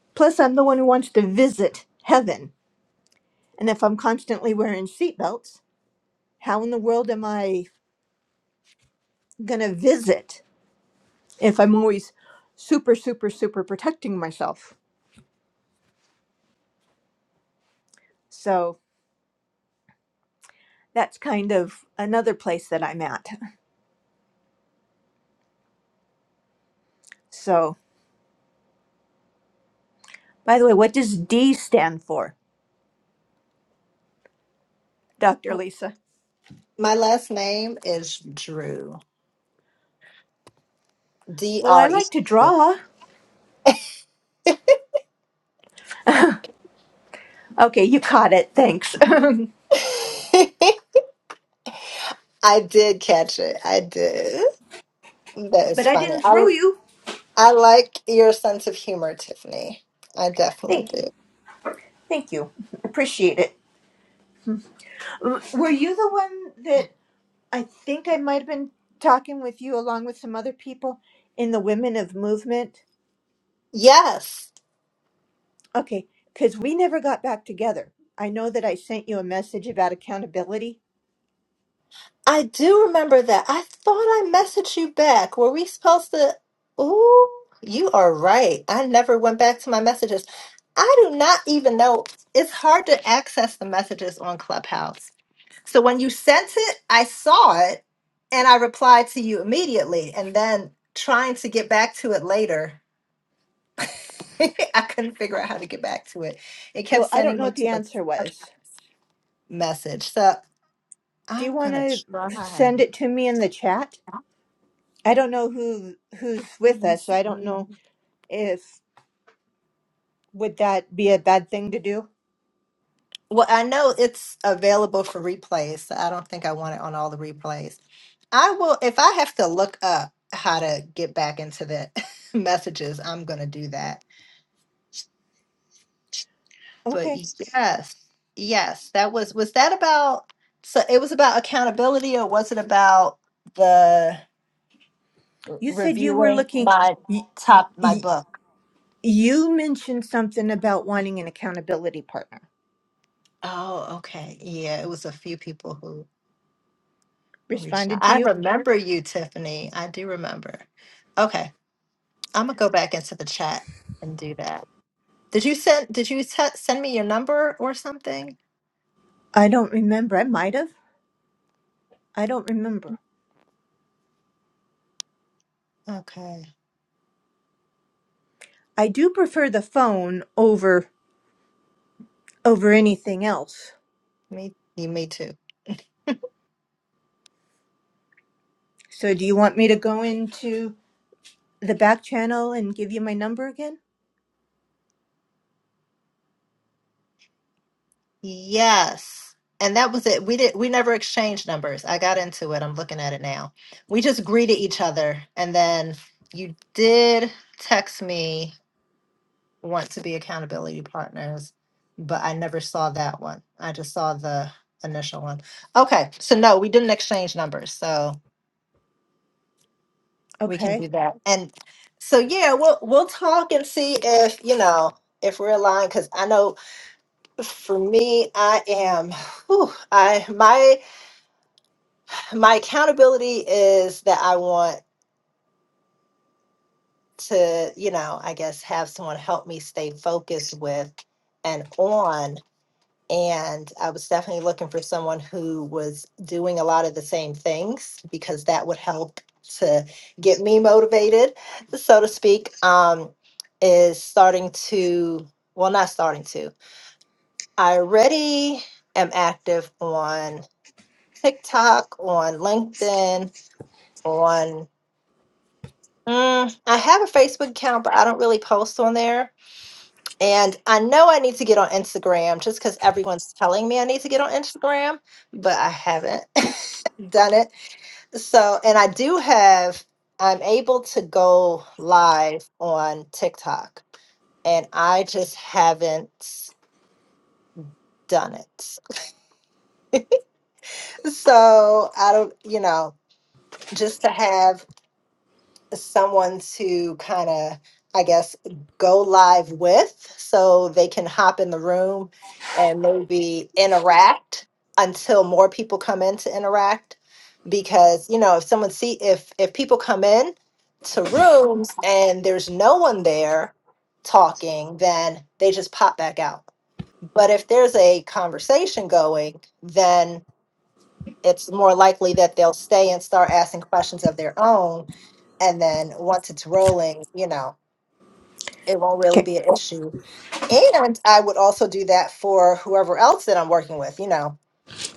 Speaker 3: <clears throat> Plus, I'm the one who wants to visit heaven, and if I'm constantly wearing seatbelts, how in the world am I gonna visit if I'm always super super super protecting myself? So. that's kind of another place that I'm at. So, by the way, what does D stand for, Dr. Lisa?
Speaker 1: my last name is drew
Speaker 3: Well, I
Speaker 1: d-r-e
Speaker 3: like to draw. Okay, you caught it. Thanks. <laughs> but
Speaker 1: <laughs> I did catch it. I did. That is
Speaker 3: I
Speaker 1: funny.
Speaker 3: didn't throw
Speaker 1: I
Speaker 3: you.
Speaker 1: I like your sense of humor, Tiffany. I definitely
Speaker 3: Thank you.
Speaker 1: do.
Speaker 3: Thank you. Appreciate it. W- Were you the one that I think I might have been talking with you along with some other people in the Women of Movement?
Speaker 1: Yes,
Speaker 3: Okay, because we never got back together. I know that I sent you a message about accountability.
Speaker 1: I do remember that. I thought I messaged you back. Were we supposed to? Ooh, you are right. I never went back to my messages. I do not even know. It's hard to access the messages on Clubhouse. So when you sent it, I saw it and I replied to you immediately. And then trying to get back to it later, <laughs> I couldn't figure out how to get back to it. It kept
Speaker 3: Well, I don't
Speaker 1: sending
Speaker 3: know
Speaker 1: me
Speaker 3: what the
Speaker 1: to
Speaker 3: answer
Speaker 1: the
Speaker 3: was.
Speaker 1: message. So
Speaker 3: Do you
Speaker 1: I'm
Speaker 3: want
Speaker 1: gonna
Speaker 3: to
Speaker 1: try.
Speaker 3: send it to me in the chat? I don't know who who's with us, so I don't know if would that be a bad thing to do.
Speaker 1: Well, I know it's available for replays, so I don't think I want it on all the replays. I will if I have to look up how to get back into the <laughs> messages, I'm gonna do that. But
Speaker 3: Okay.
Speaker 1: yes, yes, that was was that about so it was about accountability or was it about the
Speaker 3: You said you were
Speaker 1: reviewing
Speaker 3: looking
Speaker 1: my
Speaker 3: y-
Speaker 1: top my
Speaker 3: y-
Speaker 1: book?
Speaker 3: you mentioned something about wanting an accountability partner.
Speaker 1: Oh, okay. Yeah, it was a few people who reached out.
Speaker 3: Responded to
Speaker 1: I
Speaker 3: you?
Speaker 1: remember you, Tiffany. I do remember. Okay, I'm gonna go back into the chat and do that. Did you send? Did you se- send me your number or something?
Speaker 3: I don't remember. I might have. I don't remember.
Speaker 1: Okay,
Speaker 3: I do prefer the phone over over anything else.
Speaker 1: me, you, me too.
Speaker 3: So do you want me to go into the back channel and give you my number again?
Speaker 1: Yes. And that was it. We did we never exchanged numbers. I got into it. I'm looking at it now. We just greeted each other and then you did text me want to be accountability partners, but I never saw that one. I just saw the initial one. Okay. So no, we didn't exchange numbers. So we can do
Speaker 3: Okay.
Speaker 1: that. And so yeah, we'll we'll talk and see if, you know, if we're aligned cuz I know for me I am whew, I my my accountability is that I want to, you know, I guess have someone help me stay focused with and on. And I was definitely looking for someone who was doing a lot of the same things because that would help to get me motivated, so to speak. Um, is starting to, well, not starting to, I already am active on TikTok, on LinkedIn, on. Mm, I have a Facebook account, but I don't really post on there. And I know I need to get on Instagram just because everyone's telling me I need to get on Instagram, but I haven't <laughs> done it. So, and I do have, I'm able to go live on TikTok, and I just haven't done it. <laughs> So I don't, you know, just to have someone to kind of, I guess, go live with so they can hop in the room and maybe interact until more people come in to interact. Because, you know, if someone see if if people come in to rooms and there's no one there talking, then they just pop back out. But if there's a conversation going, then it's more likely that they'll stay and start asking questions of their own. And then once it's rolling, you know, it won't really
Speaker 3: Okay.
Speaker 1: be an issue. And I would also do that for whoever else that I'm working with, you know,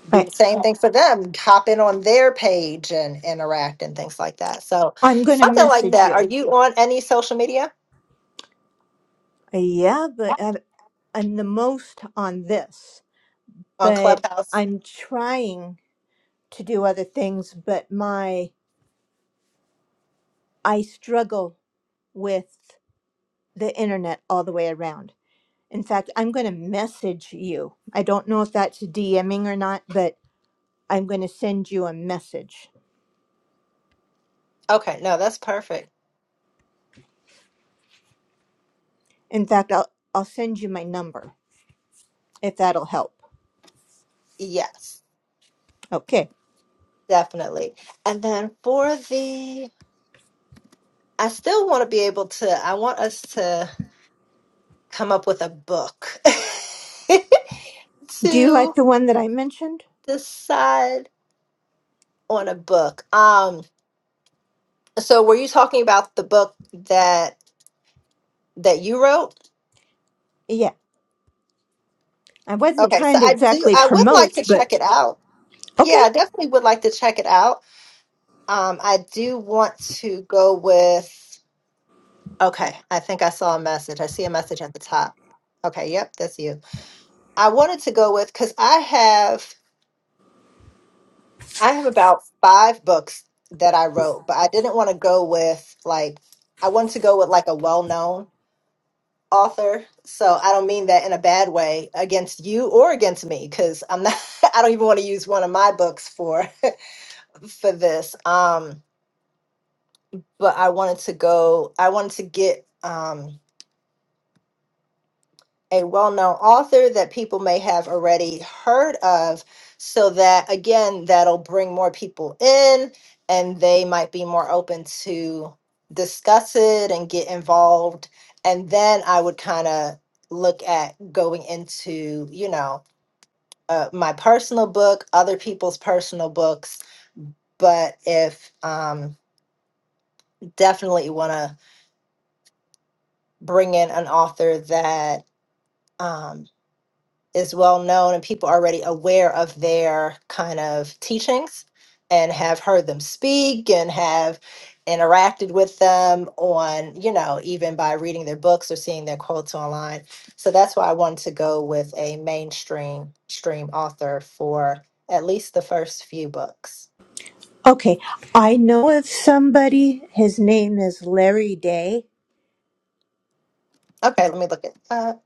Speaker 1: do the same thing for them, hop in on their page and interact and things like that. So
Speaker 3: I'm going to
Speaker 1: something like
Speaker 3: message
Speaker 1: that. Are
Speaker 3: you.
Speaker 1: you on any social media
Speaker 3: Yeah, but I- I'm the most on this,
Speaker 1: on
Speaker 3: but
Speaker 1: Clubhouse?
Speaker 3: I'm trying to do other things, but my I struggle with the internet all the way around. In fact, I'm going to message you. I don't know if that's DMing or not, but I'm going to send you a message.
Speaker 1: Okay, no, that's perfect.
Speaker 3: In fact, I'll I'll send you my number if that'll help.
Speaker 1: Yes,
Speaker 3: Okay.
Speaker 1: definitely. And then for the, I still want to be able to, I want us to come up with a book <laughs>
Speaker 3: Do you like
Speaker 1: to
Speaker 3: the one that I mentioned?
Speaker 1: decide on a book. Um, so were you talking about the book that that you wrote?
Speaker 3: Yeah. I wasn't
Speaker 1: Okay, so
Speaker 3: trying to
Speaker 1: I do
Speaker 3: exactly
Speaker 1: I would like
Speaker 3: promote,
Speaker 1: to
Speaker 3: but
Speaker 1: check it out. Yeah,
Speaker 3: Okay.
Speaker 1: I definitely would like to check it out. Um, I do want to go with okay, I think I saw a message. I see a message at the top. Okay, yep, that's you. I wanted to go with because I have I have about five books that I wrote, but I didn't want to go with like I wanted to go with like a well-known author. So I don't mean that in a bad way against you or against me cuz I'm not <laughs> I don't even want to use one of my books for <laughs> for this. Um but I wanted to go I wanted to get um a well-known author that people may have already heard of so that again that'll bring more people in and they might be more open to discuss it and get involved and then i would kind of look at going into you know uh, my personal book other people's personal books but if um, definitely want to bring in an author that um, is well known and people are already aware of their kind of teachings and have heard them speak and have interacted with them on, you know, even by reading their books or seeing their quotes online. So that's why I wanted to go with a mainstream stream author for at least the first few books.
Speaker 3: Okay. I know of somebody, his name is Larry Day.
Speaker 1: Okay, let me look it up.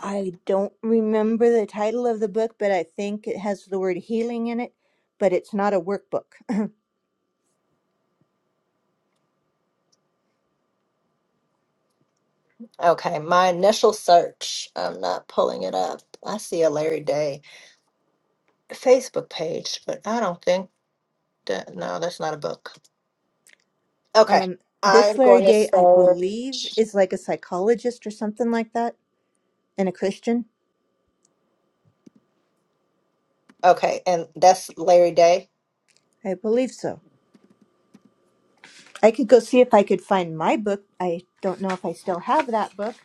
Speaker 3: I don't remember the title of the book, but I think it has the word healing in it, but it's not a workbook. <laughs>
Speaker 1: Okay, my initial search, I'm not pulling it up. I see a Larry Day Facebook page, but I don't think that, no, that's not a book. Okay.
Speaker 3: Um, this
Speaker 1: I'm
Speaker 3: Larry
Speaker 1: going to
Speaker 3: Day, I
Speaker 1: start.
Speaker 3: believe, is like a psychologist or something like that, and a Christian.
Speaker 1: Okay. And that's Larry Day.
Speaker 3: I believe so. I could go see if I could find my book. I don't know if I still have that book,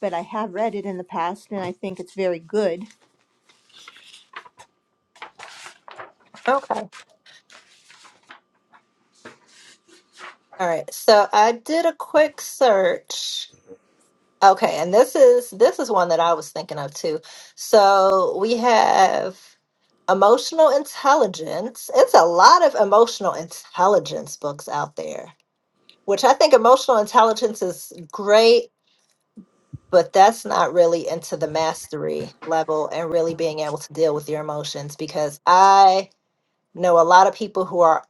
Speaker 3: but I have read it in the past, and I think it's very good.
Speaker 1: Okay. All right. So I did a quick search. Okay. And this is this is one that I was thinking of too. So we have emotional intelligence. It's a lot of emotional intelligence books out there, which I think emotional intelligence is great, but that's not really into the mastery level and really being able to deal with your emotions because I know a lot of people who are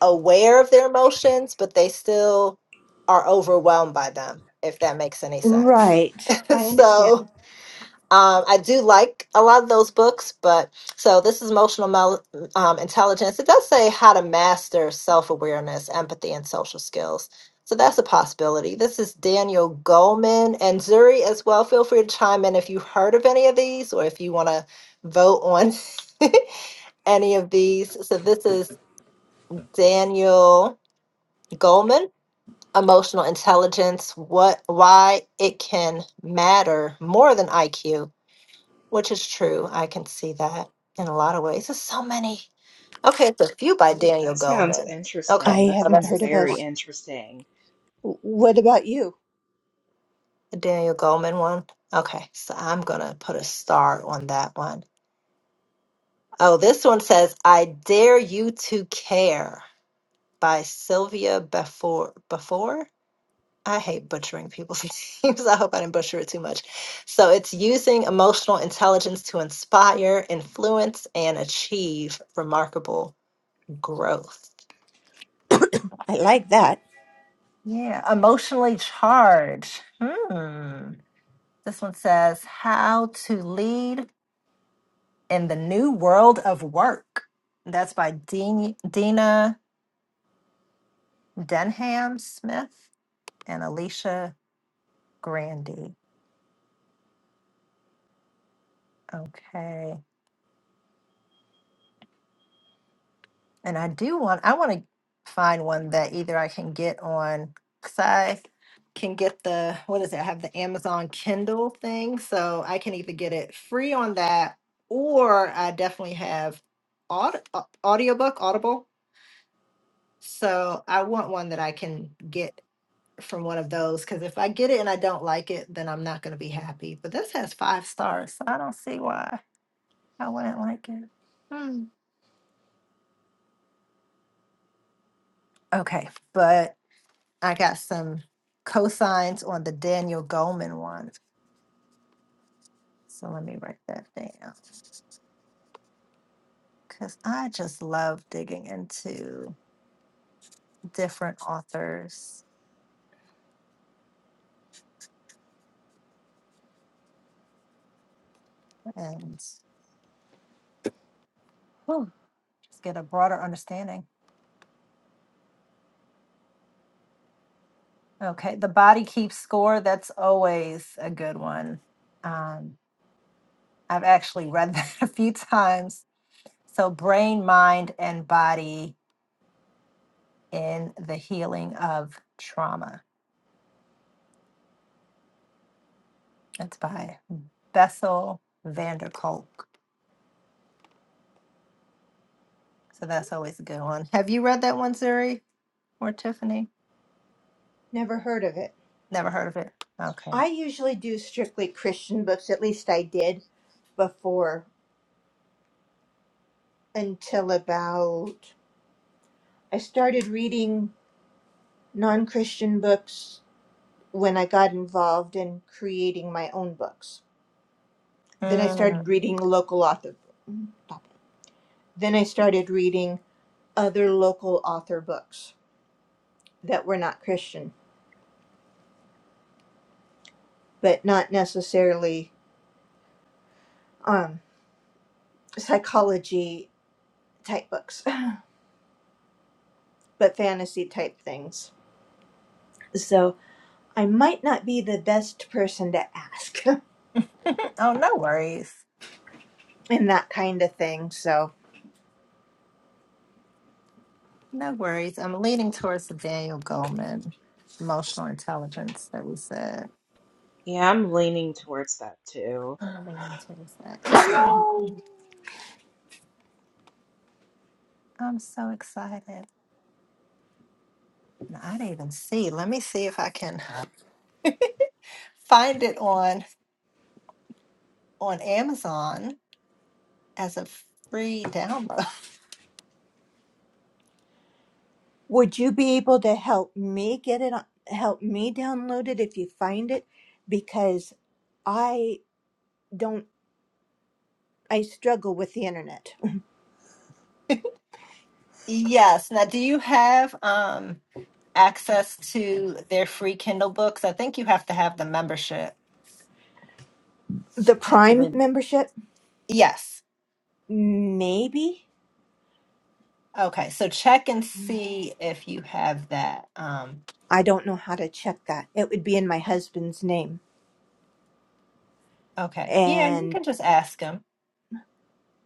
Speaker 1: aware of their emotions, but they still are overwhelmed by them, if that makes any sense.
Speaker 3: Right.
Speaker 1: <laughs>
Speaker 3: I understand.
Speaker 1: so um, I do like a lot of those books, but so this is emotional mel- um, intelligence. It does say how to master self awareness, empathy, and social skills. So that's a possibility. This is Daniel Goleman and Zuri as well. Feel free to chime in if you've heard of any of these or if you want to vote on <laughs> any of these. So this is Daniel Goleman, Emotional Intelligence, what why it can matter more than IQ, which is true. I can see that in a lot of ways. There's so many. Okay, it's a few by
Speaker 4: Ooh,
Speaker 1: Daniel
Speaker 4: that sounds
Speaker 1: Goleman. Okay.
Speaker 4: interesting.
Speaker 3: I
Speaker 4: That
Speaker 1: Oh,
Speaker 3: haven't
Speaker 1: that's
Speaker 4: sounds
Speaker 1: the
Speaker 3: heard of
Speaker 1: same
Speaker 4: very
Speaker 1: one.
Speaker 3: those.
Speaker 4: interesting.
Speaker 3: W- What about you?
Speaker 1: The Daniel Goleman one. Okay, so I'm gonna put a star on that one. Oh, this one says, I Dare You to Care by Sylvia Before. Before? I hate butchering people's <laughs> names. I hope I didn't butcher it too much. So it's using emotional intelligence to inspire, influence, and achieve remarkable growth.
Speaker 3: I like that.
Speaker 1: Yeah, emotionally charged. Hmm. This one says How to Lead in the New World of Work. That's by Dean, Dina Denham Smith and Alicia Grandy. Okay. And I do want, I want to find one that either I can get on, because I can get the, what is it? I have the Amazon Kindle thing. So I can either get it free on that or I definitely have aud- uh, audiobook, Audible. So I want one that I can get from one of those because if I get it and I don't like it, then I'm not going to be happy. But this has five stars. So I don't see why I wouldn't like it. Hmm. Okay. But I got some cosigns on the Daniel Goleman one. So let me write that down because I just love digging into different authors and whew, just get a broader understanding. Okay, The Body Keeps Score, that's always a good one. Um, I've actually read <laughs> that a few times. So, Brain, Mind, and Body in the Healing of Trauma. That's by Bessel van der Kolk. So that's always a good one. Have you read that one, Zuri or Tiffany?
Speaker 3: Never heard of it.
Speaker 1: Never heard of it. Okay.
Speaker 3: I usually do strictly Christian books, at least I did before, until about. I started reading non Christian books when I got involved in creating my own books. Then I started
Speaker 1: Mm.
Speaker 3: reading local author. Then I started reading other local author books that were not Christian, but not necessarily um, psychology type books, <laughs> but fantasy type things. So I might not be the best person to ask
Speaker 1: Oh, no worries.
Speaker 3: <laughs> in that kind of thing. So
Speaker 1: No worries. I'm leaning towards the Daniel Goleman emotional intelligence that we said.
Speaker 4: Yeah, I'm leaning towards that too.
Speaker 1: I'm leaning towards that. Yo, I'm so excited. And I didn't even see. Let me see if I can find it on on Amazon as a free download.
Speaker 3: would you be able to help me get it, on, help me download it if you find it? Because I don't, I struggle with the internet. <laughs>
Speaker 1: Yes. Now, do you have um access to their free Kindle books? I think you have to have the membership
Speaker 3: The Prime
Speaker 1: through.
Speaker 3: membership,
Speaker 1: Yes.
Speaker 3: maybe.
Speaker 1: Okay. So check and see if you have that. Um,
Speaker 3: I don't know how to check that. It would be in my husband's name.
Speaker 1: okay. Yeah, you
Speaker 3: And
Speaker 1: can just ask them.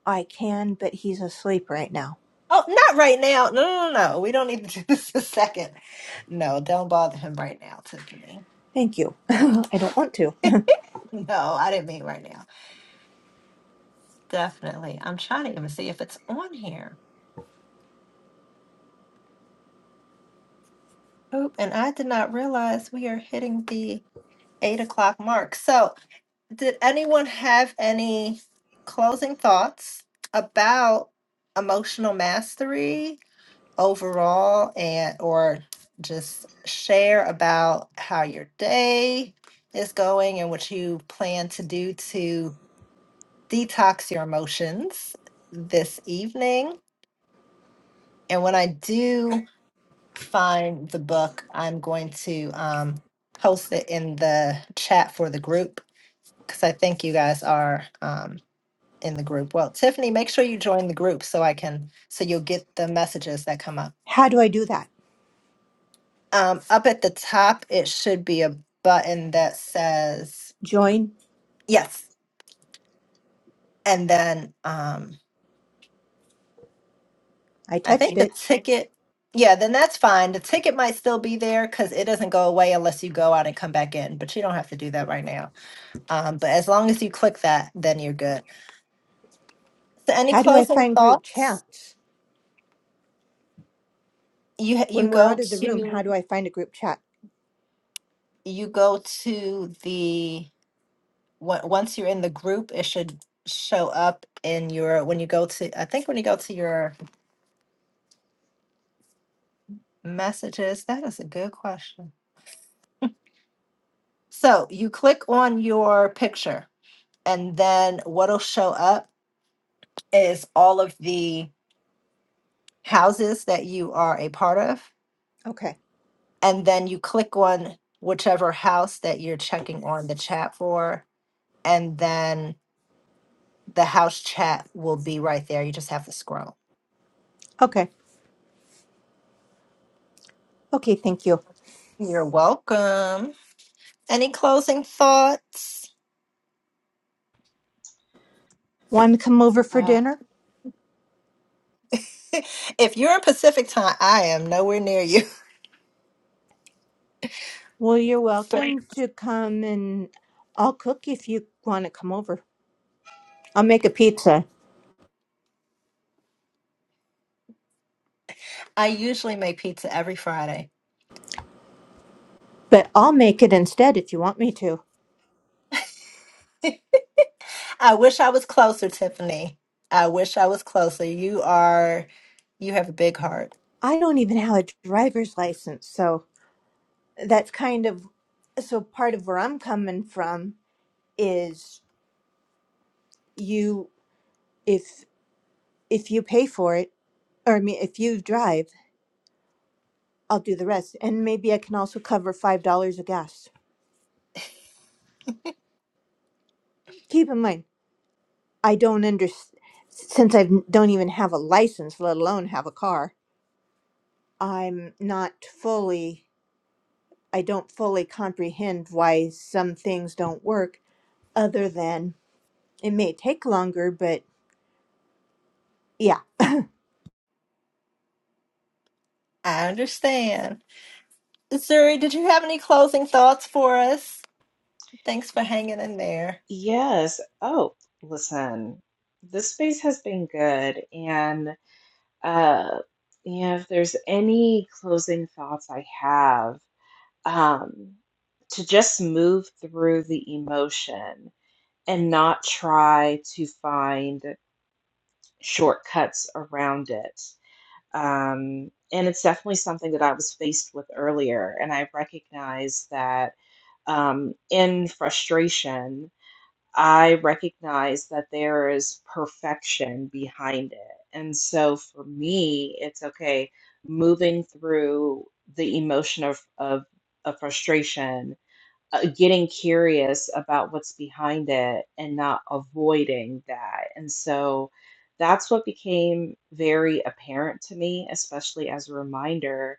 Speaker 3: I can, but he's asleep right now.
Speaker 1: Oh, not right now. No, no, no, no. We don't need to do <laughs> this a second. No, don't bother him right now, Tiffany.
Speaker 3: Thank you. <laughs> I don't want to.
Speaker 1: <laughs> No, I didn't mean right now. Definitely. I'm trying to even see if it's on here. Oop, and I did not realize we are hitting the eight o'clock mark. So, did anyone have any closing thoughts about emotional mastery? overall and or just share about how your day is going and what you plan to do to detox your emotions this evening. And when I do find the book, I'm going to um, post it in the chat for the group because I think you guys are um, in the group. Well, Tiffany, make sure you join the group so I can so you'll get the messages that come up.
Speaker 3: How do I do that?
Speaker 1: Um, up at the top, it should be a button that says
Speaker 3: Join.
Speaker 1: yes. And then um,
Speaker 3: I
Speaker 1: I
Speaker 3: touched
Speaker 1: think the
Speaker 3: it.
Speaker 1: ticket, yeah, then that's fine. The ticket might still be there because it doesn't go away unless you go out and come back in, but you don't have to do that right now. Um, but as long as you click that, then you're good. So any
Speaker 3: How do I
Speaker 1: closing
Speaker 3: find group
Speaker 1: thoughts?
Speaker 3: chats?
Speaker 1: You ha- you
Speaker 3: When we're out
Speaker 1: go
Speaker 3: of the room, how do
Speaker 1: to
Speaker 3: I find a group chat?
Speaker 1: you go to the on- once you're in the group, it should show up in your when you go to I think when you go to your Messages. That is a good question. So you click on your picture, and then what'll show up is all of the houses that you are a part of.
Speaker 3: Okay.
Speaker 1: And then you click on whichever house that you're checking on the chat for. And then the house chat will be right there. You just have to scroll.
Speaker 3: Okay. Okay. Thank you.
Speaker 1: You're welcome. Any closing thoughts?
Speaker 3: Want to come over for
Speaker 4: Uh,
Speaker 3: dinner?
Speaker 1: <laughs> if you're in Pacific time, I am nowhere near you.
Speaker 3: Well, you're
Speaker 1: <laughs> but
Speaker 3: welcome to come and I'll cook if you want to come over. I'll make a pizza,
Speaker 1: I usually make pizza every Friday.
Speaker 3: but I'll make it instead if you want me to.
Speaker 1: <laughs> I wish I was closer, Tiffany. I wish I was closer. You are, you have a big heart.
Speaker 3: I don't even have a driver's license. So that's kind of so part of where I'm coming from is you, if if you pay for it Or I mean, if you drive, I'll do the rest, and maybe I can also cover five dollars of gas. Keep in mind, I don't understand since I don't even have a license, let alone have a car. I'm not fully. I don't fully comprehend why some things don't work. Other than it may take longer, but yeah.
Speaker 1: I understand. Zuri, did you have any closing thoughts for us? Thanks for hanging in there.
Speaker 4: yes. Oh, listen, this space has been good. And, uh, you know, if there's any closing thoughts I have, um, to just move through the emotion and not try to find shortcuts around it. Um, and it's definitely something that I was faced with earlier. And I recognize that um, in frustration. I recognize that there is perfection behind it. And so for me, it's okay moving through the emotion of, of, of frustration, uh, getting curious about what's behind it and not avoiding that. And so that's what became very apparent to me, especially as a reminder.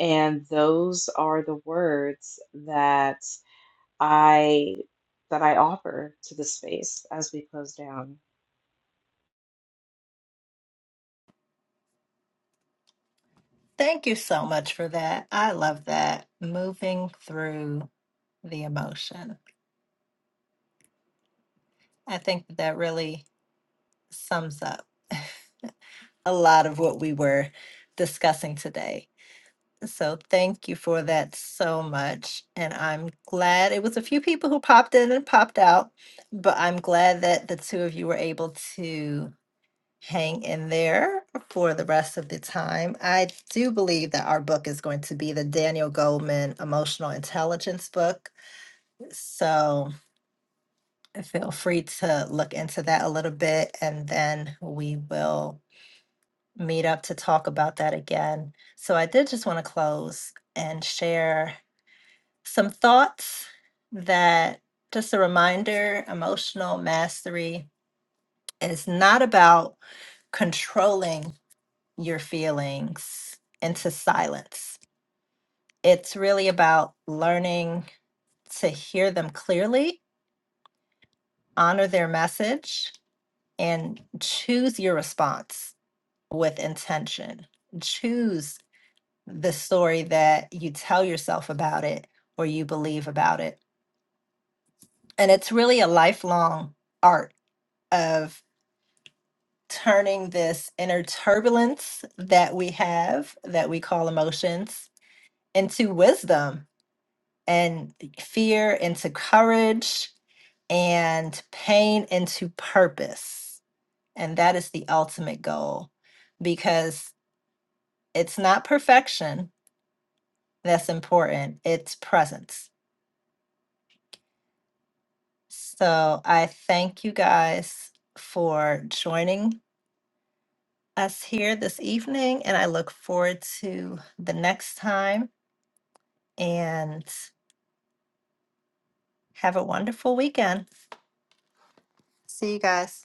Speaker 4: And those are the words that I that I offer to the space as we close down.
Speaker 1: Thank you so much for that. I love that. Moving through the emotion. I think that really sums up <laughs> a lot of what we were discussing today. So thank you for that so much. And I'm glad it was a few people who popped in and popped out, but I'm glad that the two of you were able to hang in there for the rest of the time. I do believe that our book is going to be the Daniel Goldman Emotional Intelligence book. So feel free to look into that a little bit and then we will meet up to talk about that again. So I did just want to close and share some thoughts that just a reminder emotional mastery is not about controlling your feelings into silence. It's really about learning to hear them clearly, honor their message, and choose your response with intention. Choose the story that you tell yourself about it or you believe about it. And it's really a lifelong art of turning this inner turbulence that we have, that we call emotions, into wisdom and fear into courage and pain into purpose. And that is the ultimate goal because it's not perfection that's important, it's presence. So I thank you guys for joining us here this evening, and I look forward to the next time. and have a wonderful weekend. See you guys.